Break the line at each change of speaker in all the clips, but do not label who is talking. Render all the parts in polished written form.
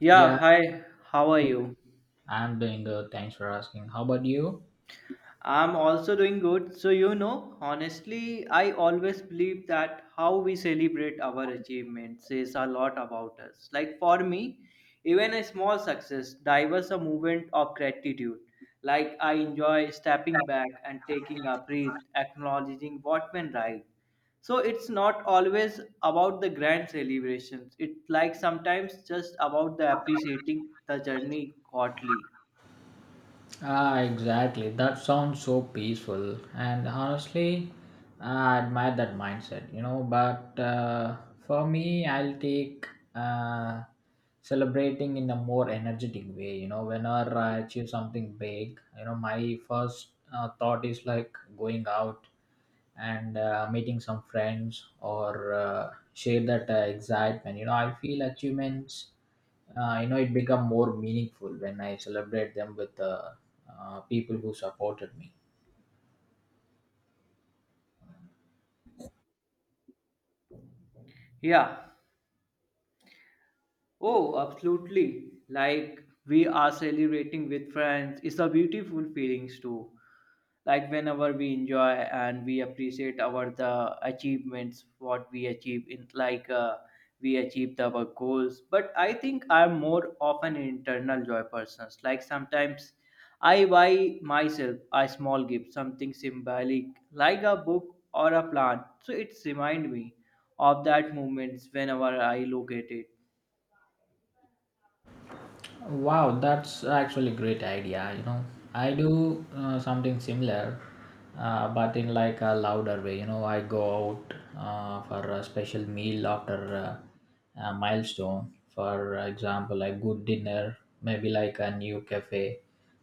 Yeah,
Yeah,
hi, how are you?
I'm doing good. Thanks for asking. How about you?
I'm also doing good. So, you know, honestly, I always believe that how we celebrate our achievements says a lot about us. Like for me, even a small success diverts a movement of gratitude. Like I enjoy stepping back and taking a breath, acknowledging what went right. So it's not always about the grand celebrations. It's like sometimes just about the appreciating the journey godly.
Ah, exactly. That sounds so peaceful. And honestly, I admire that mindset. But for me, I'll take uh, celebrating in a more energetic way. Whenever I achieve something big, my first thought is like going out. And meeting some friends or share that excitement. I feel achievements it become more meaningful when I celebrate them with people who supported me.
Yeah. Oh, absolutely. Like we are celebrating with friends. It's a beautiful feelings too. Like whenever we enjoy and we appreciate our the achievements, what we achieve in like we achieved our goals. But I think I'm more of an internal joy person. Like sometimes I buy myself a small gift, something symbolic, like a book or a plant. So it's remind me of that moments whenever I look at it.
Wow, that's actually great idea, you know. I do something similar, but in like a louder way. I go out for a special meal after a milestone. For example, a good dinner, maybe like a new cafe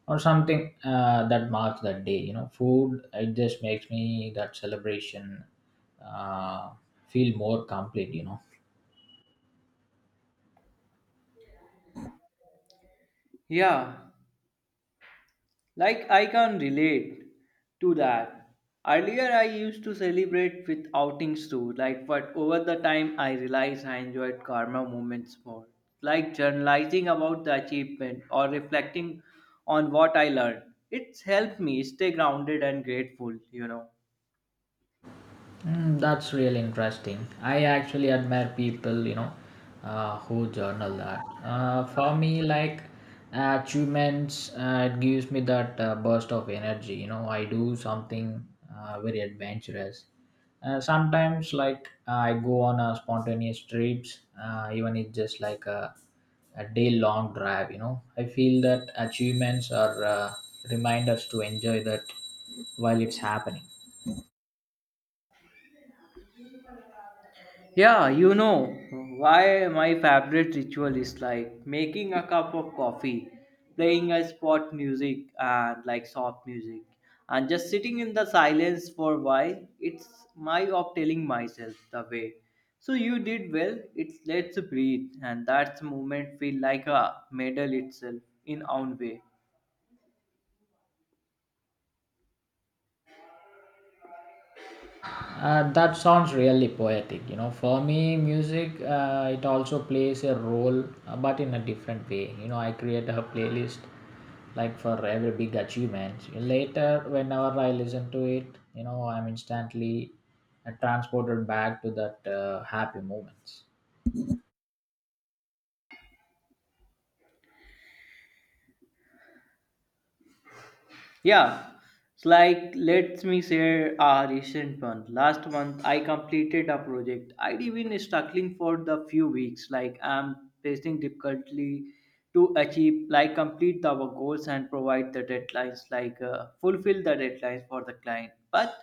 or something that marks that day, food it just makes me that celebration uh, feel more complete.
Yeah, like I can relate to that. Earlier, I used to celebrate with outings too, like, but over the time, I realized I enjoyed karma moments more, like journalizing about the achievement or reflecting on what I learned. It's helped me stay grounded and grateful, you know.
Mm, that's really interesting. I actually admire people, who journal that. For me, like achievements, it gives me that burst of energy. I do something very adventurous. Sometimes, like I go on a spontaneous trips, even it's just like a day-long drive, I feel that achievements are reminders to enjoy that while it's happening.
Yeah, you know why my favorite ritual is, like making a cup of coffee, playing a spot music and like soft music, and just sitting in the silence for a while. It's my of telling myself the way. So you did well. It's let's breathe, and that's moment feel like a medal itself in own way.
That sounds really poetic. For me, music it also plays a role, but in a different way. I create a playlist like for every big achievement. Later, whenever I listen to it, I'm instantly transported back to that happy moments.
Yeah, it's like let me share a recent one. Last month I completed a project. I'd been struggling for the few weeks, like I'm facing difficulty to achieve, like complete the goals and provide the deadlines, like fulfill the deadlines for the client. But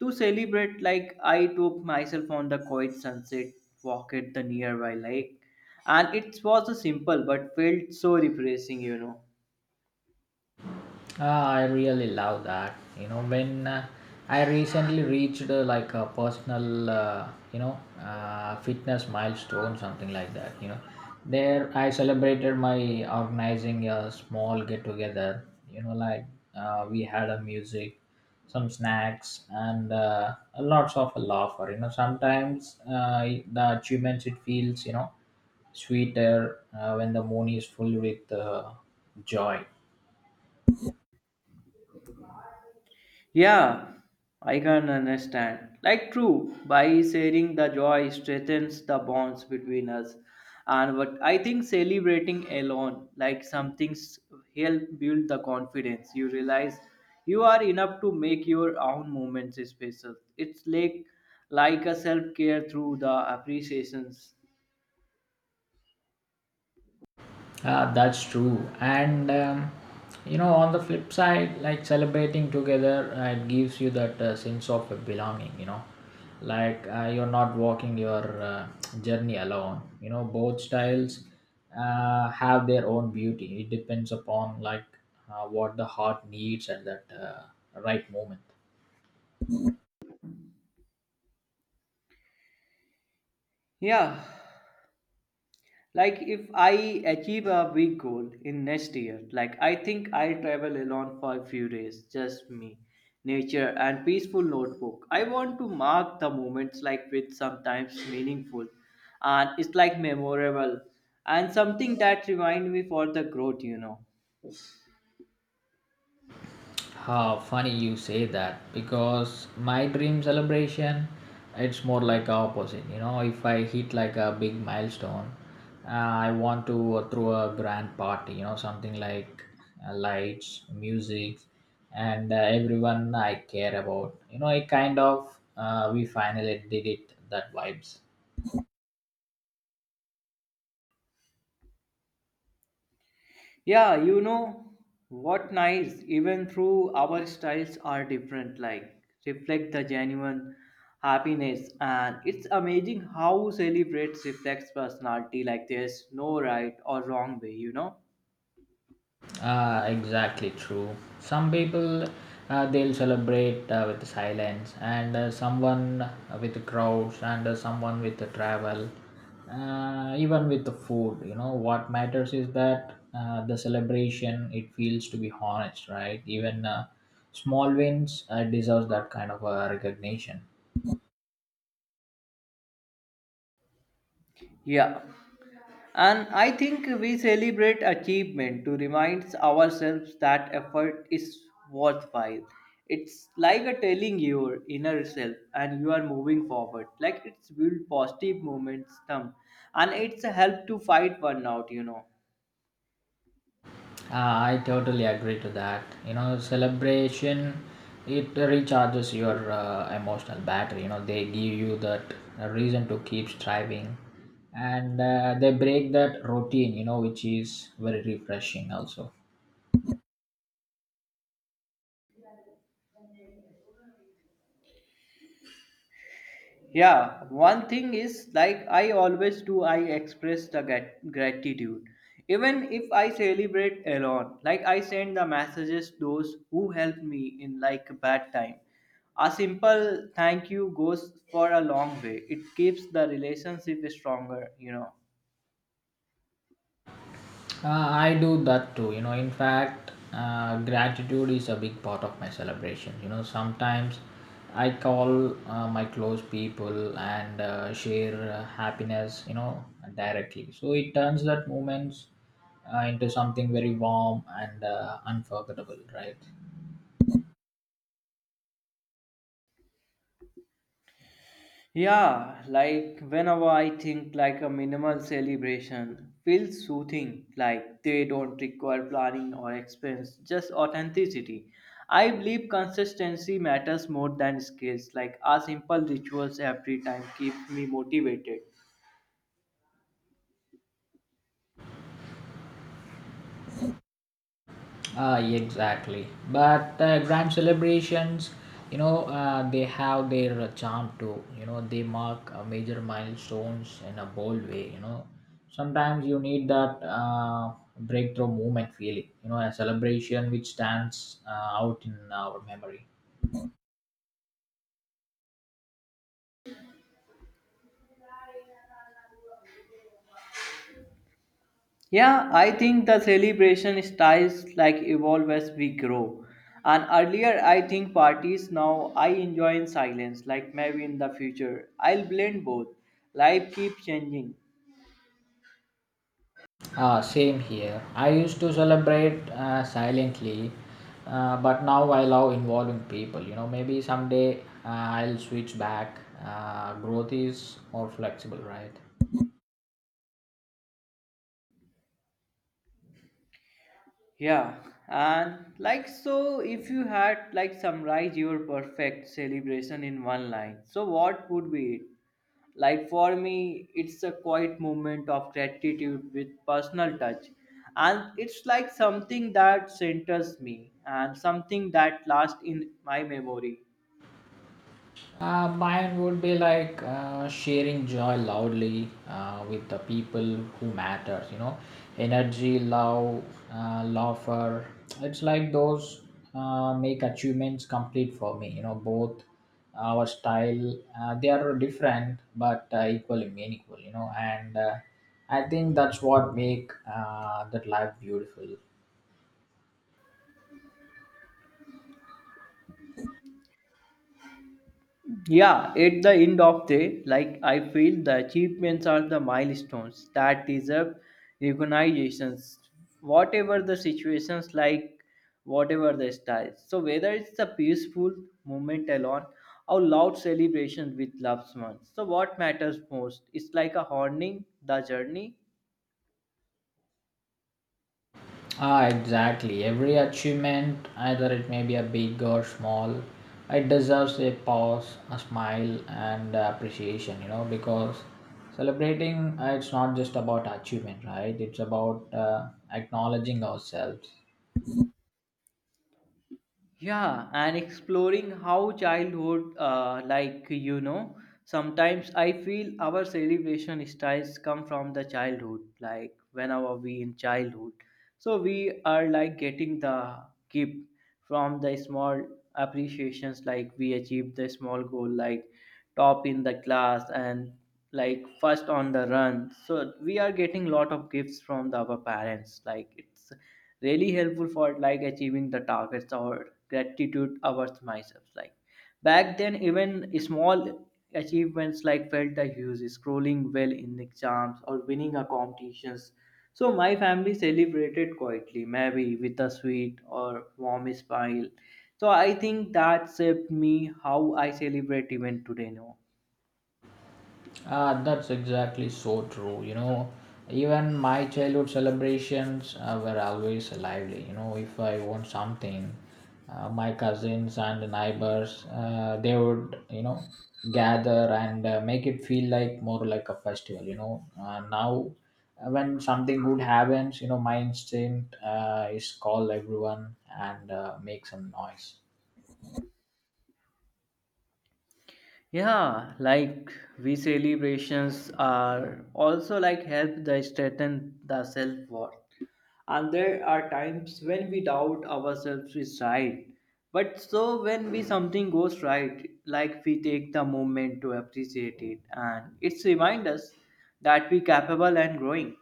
to celebrate, like I took myself on the quiet sunset walk at the nearby lake, and it was a simple but felt so refreshing, you know.
Ah, I really love that. You know, when I recently reached like a personal, fitness milestone, something like that, there I celebrated my organizing a small get together. Like we had a music, some snacks, and lots of laughter. Sometimes the achievements it feels sweeter when the moon is full with joy.
Yeah, I can understand. Like true, by sharing the joy strengthens the bonds between us. And what I think celebrating alone, like some things help build the confidence. You realize you are enough to make your own moments special. It's like a self-care through the appreciations.
Ah, that's true. And on the flip side, like celebrating together, it gives you that sense of belonging. Like you're not walking your journey alone. Both styles have their own beauty. It depends upon like what the heart needs at that right moment.
Yeah, like if I achieve a big goal in next year, like I think I'll travel alone for a few days, just me, nature and peaceful notebook. I want to mark the moments like with sometimes meaningful and it's like memorable and something that remind me for the growth, you know.
How funny you say that, because my dream celebration it's more like opposite. If I hit like a big milestone, uh, I want to throw a grand party, something like lights, music, and everyone I care about. You know it kind of we finally did it, that vibes.
Yeah, you know what nice, even through our styles are different, like reflect the genuine happiness. And it's amazing how celebrates reflects personality, like there's no right or wrong way, you know?
Ah, exactly true. Some people they'll celebrate with silence, and someone with crowds, and someone with the travel, even with the food. What matters is that the celebration it feels to be honest, right? Even small wins deserves that kind of recognition.
Yeah. And I think we celebrate achievement to remind ourselves that effort is worthwhile. It's like a telling your inner self and you are moving forward. Like it's build positive momentum and it's a help to fight burnout, you know.
I totally agree to that, celebration it recharges your emotional battery. They give you that reason to keep striving, and they break that routine, which is very refreshing also.
Yeah, one thing is like I always do, I express the gratitude. Even if I celebrate alone, like I send the messages those who helped me in like a bad time. A simple thank you goes for a long way. It keeps the relationship stronger, you know.
I do that too, in fact, gratitude is a big part of my celebration. Sometimes I call my close people and share happiness, directly. So it turns that moments into something very warm and unforgettable, right?
Yeah, like whenever I think like a minimal celebration feels soothing, like they don't require planning or expense, just authenticity. I believe consistency matters more than skills, like a simple rituals every time keeps me motivated.
Exactly. But grand celebrations, they have their charm too. They mark major milestones in a bold way. Sometimes you need that breakthrough moment feeling, a celebration which stands out in our memory.
Yeah, I think the celebration styles like evolve as we grow. And earlier, I think parties now I enjoy in silence, like maybe in the future, I'll blend both. Life keeps changing.
Ah, same here. I used to celebrate silently, but now I love involving people. Maybe someday I'll switch back. Growth is more flexible, right?
Yeah, and like so, if you had like summarize your perfect celebration in one line, so what would be it? Like for me, it's a quiet moment of gratitude with personal touch, and it's like something that centers me and something that lasts in my memory.
Mine would be like sharing joy loudly with the people who matters, energy, love, laughter. It's like those make achievements complete for me, both our style they are different but equally meaningful, and I think that's what make that life beautiful.
Yeah, at the end of the like I feel the achievements are the milestones that deserve recognitions, whatever the situations like whatever the style. So whether it's the peaceful moment alone or loud celebration with loved ones. So what matters most is like a honing the journey.
Ah, exactly. Every achievement, either it may be a big or small, it deserves a pause, a smile, and appreciation, because celebrating, it's not just about achievement, right? It's about acknowledging ourselves.
Yeah, and exploring how childhood, like you know, sometimes I feel our celebration styles come from the childhood, like whenever we in childhood. So we are like getting the gift from the small appreciations, like we achieved the small goal, like top in the class and like first on the run, so we are getting lot of gifts from the our parents, like it's really helpful for like achieving the targets or gratitude towards myself. Like back then, even small achievements like felt the huge scrolling well in exams or winning a competitions. So my family celebrated quietly, maybe with a sweet or warm smile. So I think that shaped me how I celebrate even today now.
That's exactly so true, even my childhood celebrations were always lively, if I want something, my cousins and the neighbors, they would, gather and make it feel like more like a festival, now when something good happens, my instinct is call everyone and make some noise.
Yeah, like we celebrations are also like help the strengthen the self worth. And there are times when we doubt ourselves is right. But so when we something goes right, like we take the moment to appreciate it and it's remind us that we capable and growing.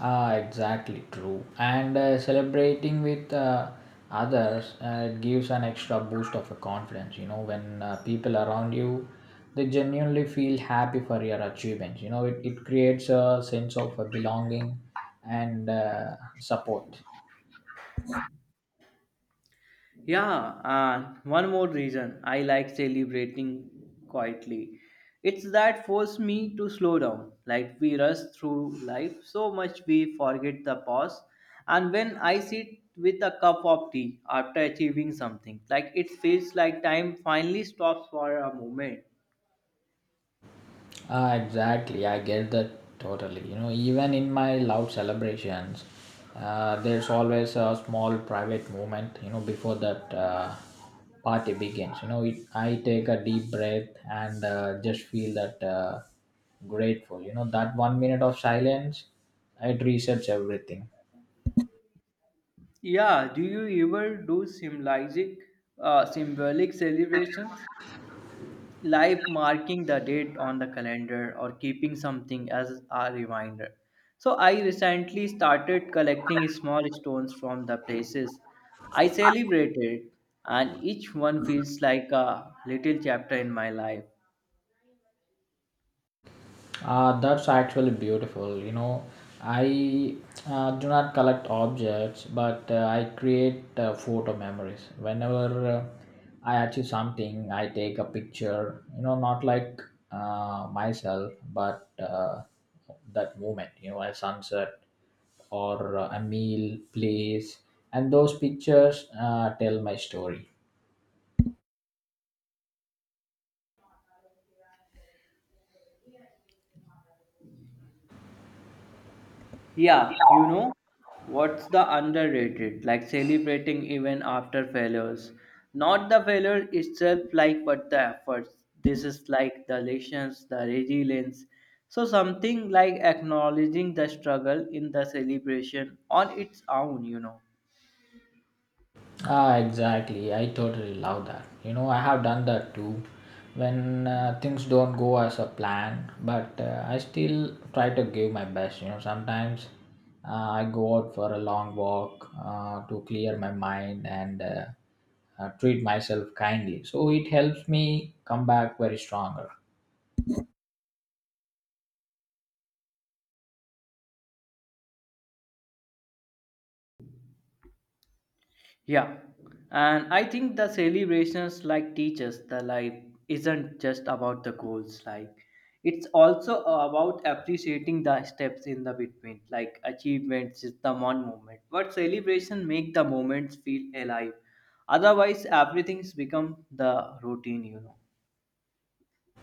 Ah, exactly true. And celebrating with others it gives an extra boost of a confidence. You know, when people around you, they genuinely feel happy for your achievements. It creates a sense of belonging and support.
Yeah, and one more reason I like celebrating quietly. It's that force me to slow down. Like we rush through life so much we forget the pause. And when I sit with a cup of tea after achieving something, like it feels like time finally stops for a moment.
Ah, exactly. I get that totally, even in my loud celebrations, there's always a small private moment, before that party begins. I take a deep breath and just feel that grateful, that 1 minute of silence, it resets everything.
Yeah, do you ever do symbolic, symbolic celebrations? Like marking the date on the calendar or keeping something as a reminder. So I recently started collecting small stones from the places I celebrated, and each one feels like a little chapter in my life.
That's actually beautiful, I do not collect objects, but I create photo memories. Whenever I achieve something, I take a picture, not like myself, but that moment, a sunset or a meal, place. And those pictures tell my story.
Yeah, you know what's the underrated? Like celebrating even after failures. Not the failure itself, like, but the efforts. This is like the lessons, the resilience. So, something like acknowledging the struggle in the celebration on its own, you know.
Ah, exactly. I totally love that. I have done that too. When things don't go as a plan, but I still try to give my best. Sometimes I go out for a long walk to clear my mind and treat myself kindly. So it helps me come back very stronger.
Yeah, and I think the celebrations like teaches the life isn't just about the goals, like it's also about appreciating the steps in the between, like achievements is the one moment. But celebration make the moments feel alive. Otherwise, everything's become the routine, you know.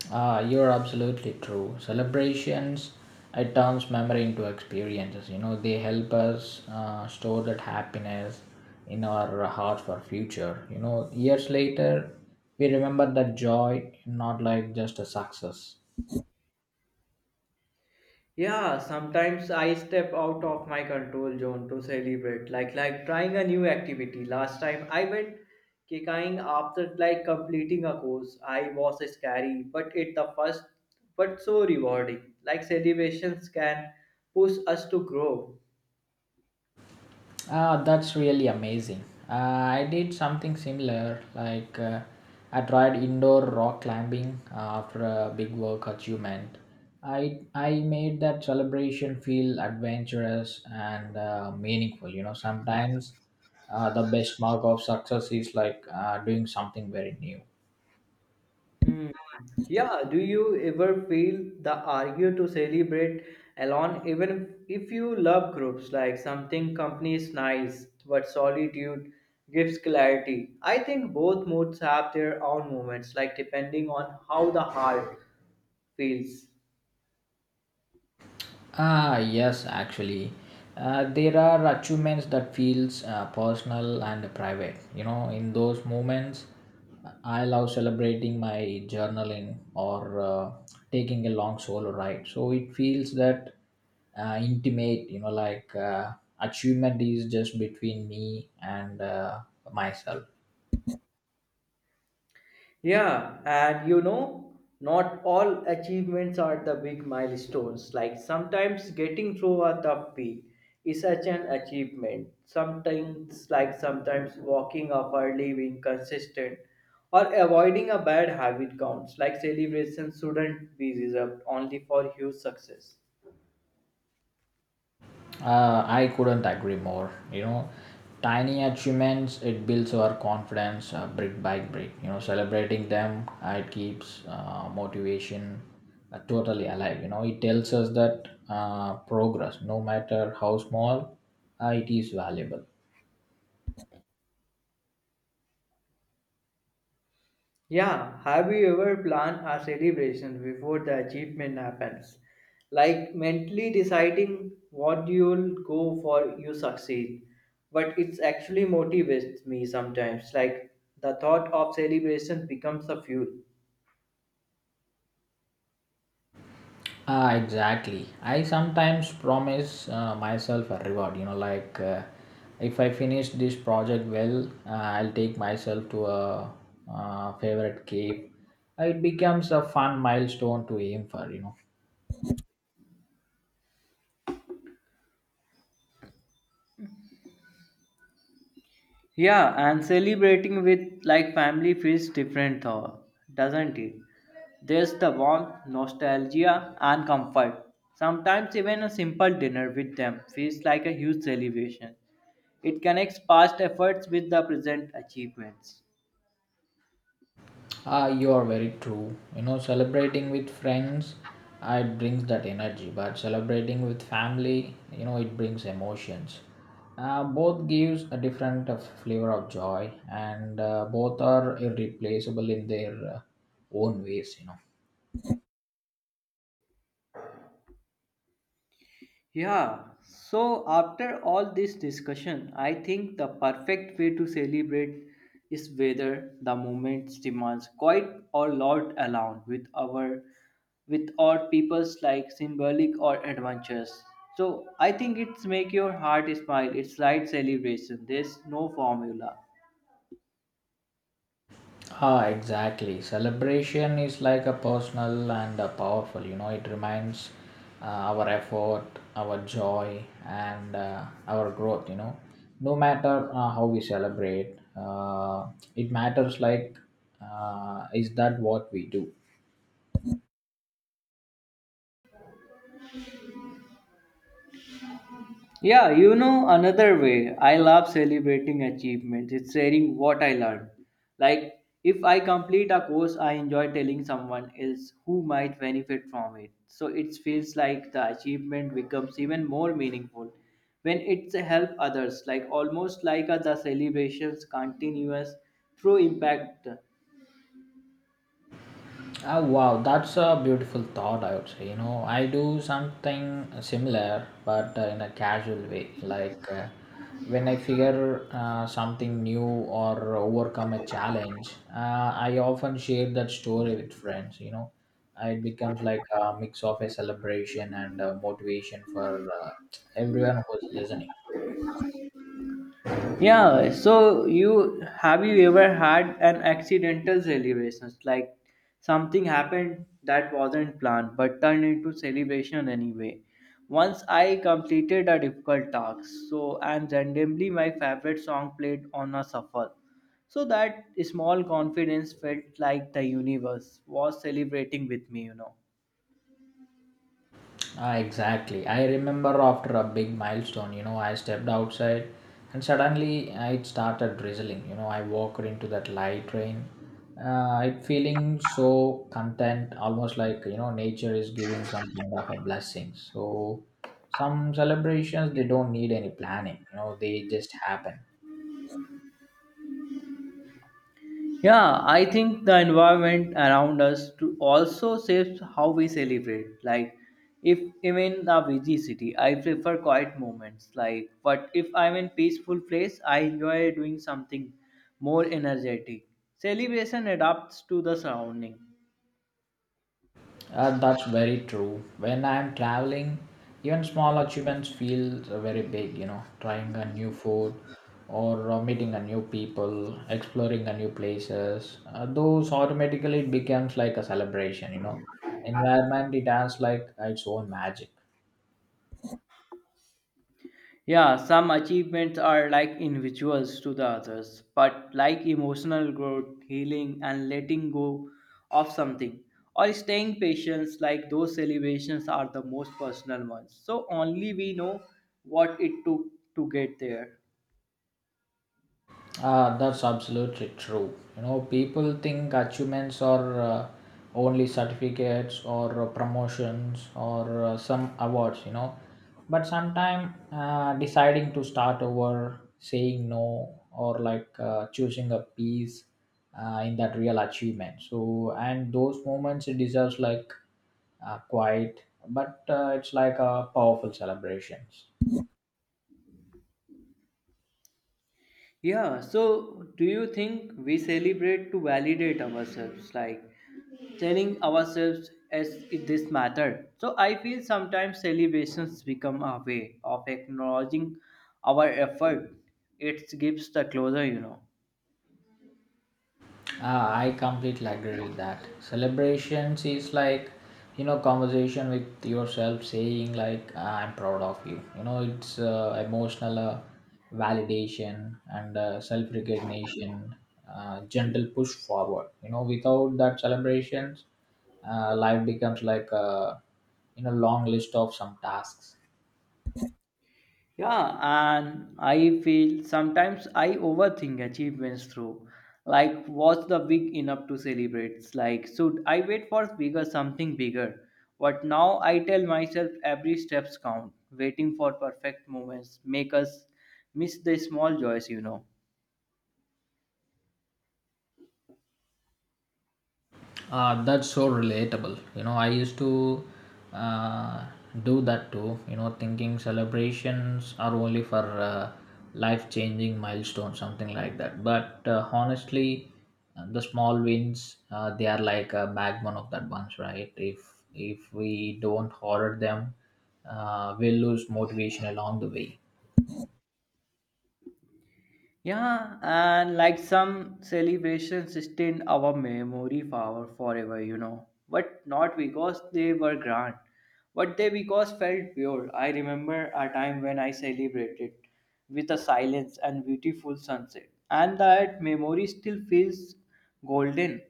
Ah, you're absolutely true. Celebrations, it turns memory into experiences. They help us store that happiness in our heart for future, years later, we remember that joy, not like just a success.
Yeah, sometimes I step out of my control zone to celebrate, like trying a new activity. Last time I went kicking after like completing a course. I was scary, but it the first but so rewarding. Like celebrations can push us to grow.
Ah, that's really amazing. I did something similar, like I tried indoor rock climbing after a big work achievement. I made that celebration feel adventurous and meaningful. Sometimes the best mark of success is like doing something very new.
Hmm. Yeah, do you ever feel the argue to celebrate alone, even if you love groups like something company is nice, but solitude gives clarity? I think both moods have their own moments, like depending on how the heart feels.
Ah, yes, actually, there are achievements that feels personal and private. In those moments, I love celebrating my journaling or taking a long solo ride. So it feels that intimate. Like achievement is just between me and myself.
Yeah, and you know, not all achievements are the big milestones. Like sometimes getting through a tough week is such an achievement. Sometimes, like sometimes walking up early, being consistent, or avoiding a bad habit counts. Like celebrations shouldn't be reserved only for huge success.
I couldn't agree more, tiny achievements it builds our confidence brick by brick. Celebrating them it keeps motivation totally alive, it tells us that progress, no matter how small, it is valuable.
Yeah, have you ever planned a celebration before the achievement happens? Like mentally deciding what you'll go for, you succeed. But it's actually motivates me sometimes. Like the thought of celebration becomes a fuel.
Ah, exactly. I sometimes promise myself a reward. Like if I finish this project well, I'll take myself to a favorite cave. It becomes a fun milestone to aim for.
Yeah, and celebrating with like family feels different though, doesn't it? There's the warmth, nostalgia, and comfort. Sometimes even a simple dinner with them feels like a huge celebration. It connects past efforts with the present achievements.
Ah, you are very true, celebrating with friends, ah, it brings that energy. But celebrating with family, it brings emotions. Both gives a different flavor of joy, and both are irreplaceable in their own ways.
Yeah, so after all this discussion, I think the perfect way to celebrate is whether the moment demands quite or loud alone with our peoples like symbolic or adventures. So I think it's make your heart smile. It's right celebration. There's no formula.
Ah, exactly. Celebration is like a personal and a powerful. It reminds our effort, our joy, and our growth, no matter how we celebrate, it matters. Like, is that what we do?
Yeah, you know, another way I love celebrating achievements is sharing what I learned. Like, if I complete a course, I enjoy telling someone else who might benefit from it. So it feels like the achievement becomes even more meaningful when it's a help others, like almost like a, the celebrations continuous through impact.
Ah, wow, that's a beautiful thought, I would say. I do something similar, but in a casual way. Like when I figure something new or overcome a challenge, I often share that story with friends. You know, uh, it becomes like a mix of a celebration and motivation for uh, everyone who's listening.
Yeah, so you have you ever had an accidental celebration? Like something happened that wasn't planned but turned into celebration anyway. Once I completed a difficult task, so and randomly my favorite song played on a shuffle. So that small confidence felt like the universe was celebrating with me, you know.
Ah, exactly. I remember after a big milestone, I stepped outside and suddenly it started drizzling. I walked into that light rain. It feeling so content, almost like, nature is giving some kind of a blessing. So some celebrations, they don't need any planning, they just happen.
Yeah, I think the environment around us to also shapes how we celebrate. Like, if I'm in a busy city, I prefer quiet moments. Like, but if I'm in peaceful place, I enjoy doing something more energetic. Celebration adapts to the surrounding.
That's very true. When I'm traveling, even small achievements feel very big, trying a new food or meeting a new people, exploring a new places. Those automatically it becomes like a celebration. Environment, it has like its own magic.
Yeah, some achievements are like individuals to the others, but like emotional growth, healing, and letting go of something, or staying patient, like those celebrations are the most personal ones. So only we know what it took to get there.
Ah, that's absolutely true. People think achievements are only certificates or promotions or some awards. But sometimes deciding to start over, saying no, or like choosing a piece in that real achievement. So, and those moments it deserves like quiet, but it's like a powerful celebrations.
Yeah, so do you think we celebrate to validate ourselves, like telling ourselves as if this mattered? So I feel sometimes celebrations become a way of acknowledging our effort. It gives the closure, you know.
Ah, I completely agree with that. Celebrations is like, conversation with yourself saying like, "Ah, I'm proud of you." It's emotional validation and self-recognition, gentle push forward. Without that celebrations, life becomes like a long list of some tasks.
Yeah, and I feel sometimes I overthink achievements through like was the big enough to celebrate? It's like should I wait for bigger something bigger? But now I tell myself every steps count. Waiting for perfect moments make us miss the small joys, you know.
That's so relatable, I used to uh, do that too, thinking celebrations are only for life changing milestones, something like that. But honestly, the small wins, they are like a backbone of that bunch, right? If we don't hoard them, we'll lose motivation along the way.
Yeah, and like some celebrations stay in our memory power forever, you know. But not because they were grand, but they because felt pure. I remember a time when I celebrated with a silence and beautiful sunset, and that memory still feels golden.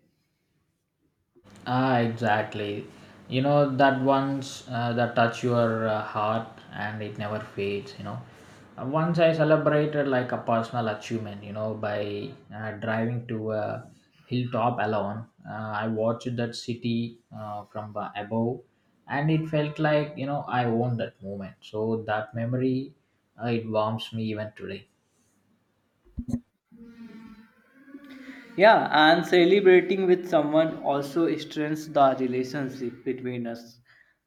Ah, exactly. That once that touch your heart and it never fades. You know, uh, once I celebrated like a personal achievement. By driving to a hilltop alone, I watched that city from above, and it felt like I owned that moment. So that memory, it warms me even today.
Yeah, and celebrating with someone also strengthens the relationship between us.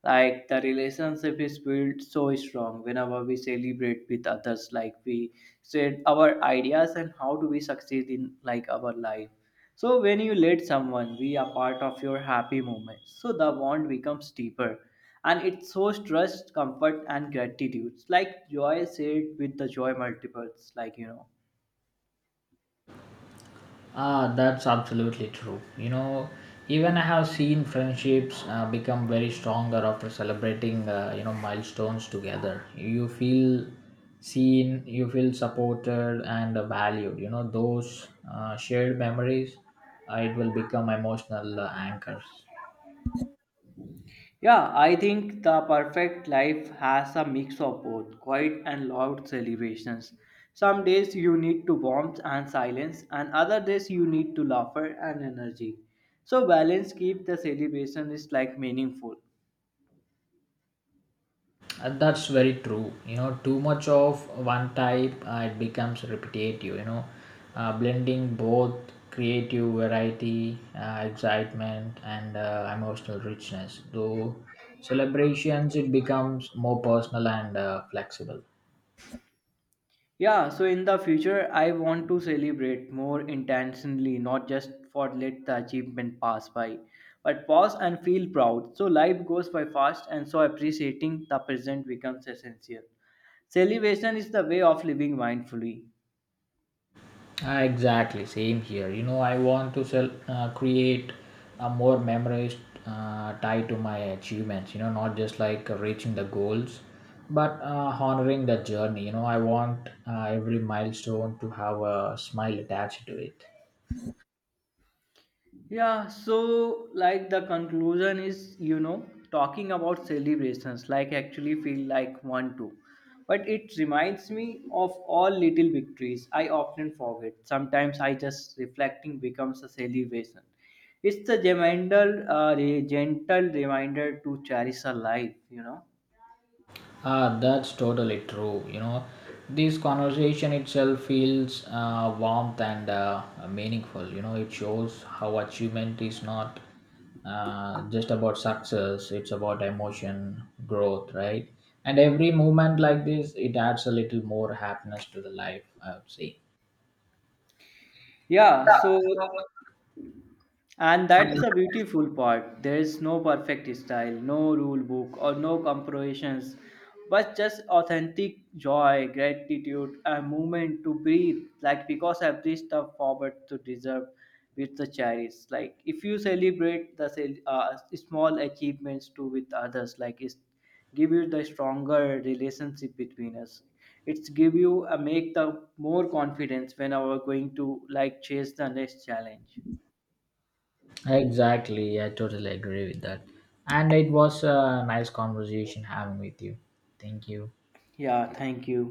Like the relationship is built so strong whenever we celebrate with others, like we said our ideas and how do we succeed in like our life. So when you let someone be a part of your happy moment, so the bond becomes deeper and it shows trust, comfort and gratitude. Like joy shared with the joy multiples, like you know.
Ah, that's absolutely true. Even I have seen friendships become very stronger after celebrating, milestones together. You feel seen, you feel supported and valued. Those shared memories, it will become emotional anchors.
Yeah, I think the perfect life has a mix of both quiet and loud celebrations. Some days you need to warmth and silence, and other days you need to laughter and energy. So balance keep the celebration is like meaningful.
That's very true. Too much of one type, it becomes repetitive. Blending both creative variety, excitement, and emotional richness. Though celebrations, it becomes more personal and flexible.
Yeah, so in the future I want to celebrate more intentionally, not just for let the achievement pass by, but pause and feel proud. So life goes by fast, and so appreciating the present becomes essential. Celebration is the way of living mindfully.
Ah, exactly, same here. I want to sell, create a more memories tied to my achievements. Not just like reaching the goals, but honoring the journey. I want every milestone to have a smile attached to it.
Yeah, so like the conclusion is, you know, talking about celebrations like actually feel like one too, but it reminds me of all little victories I often forget. Sometimes I just reflecting becomes a celebration. It's the gentle, gentle reminder to cherish a life, you know.
Ah, that's totally true. This conversation itself feels warmth and meaningful. It shows how achievement is not just about success; it's about emotion, growth, right? And every movement like this, it adds a little more happiness to the life. I would say.
Yeah, so and that's the beautiful part. There is no perfect style, no rule book, or no comparisons, but just authentic joy, gratitude, and movement to breathe. Like because every step forward to deserve with the cherish. Like if you celebrate the small achievements too with others, like it's give you the stronger relationship between us. It's give you a make the more confidence when we are going to like chase the next challenge.
Exactly. I totally agree with that. And it was a nice conversation having with you. Thank you.
Yeah, thank you.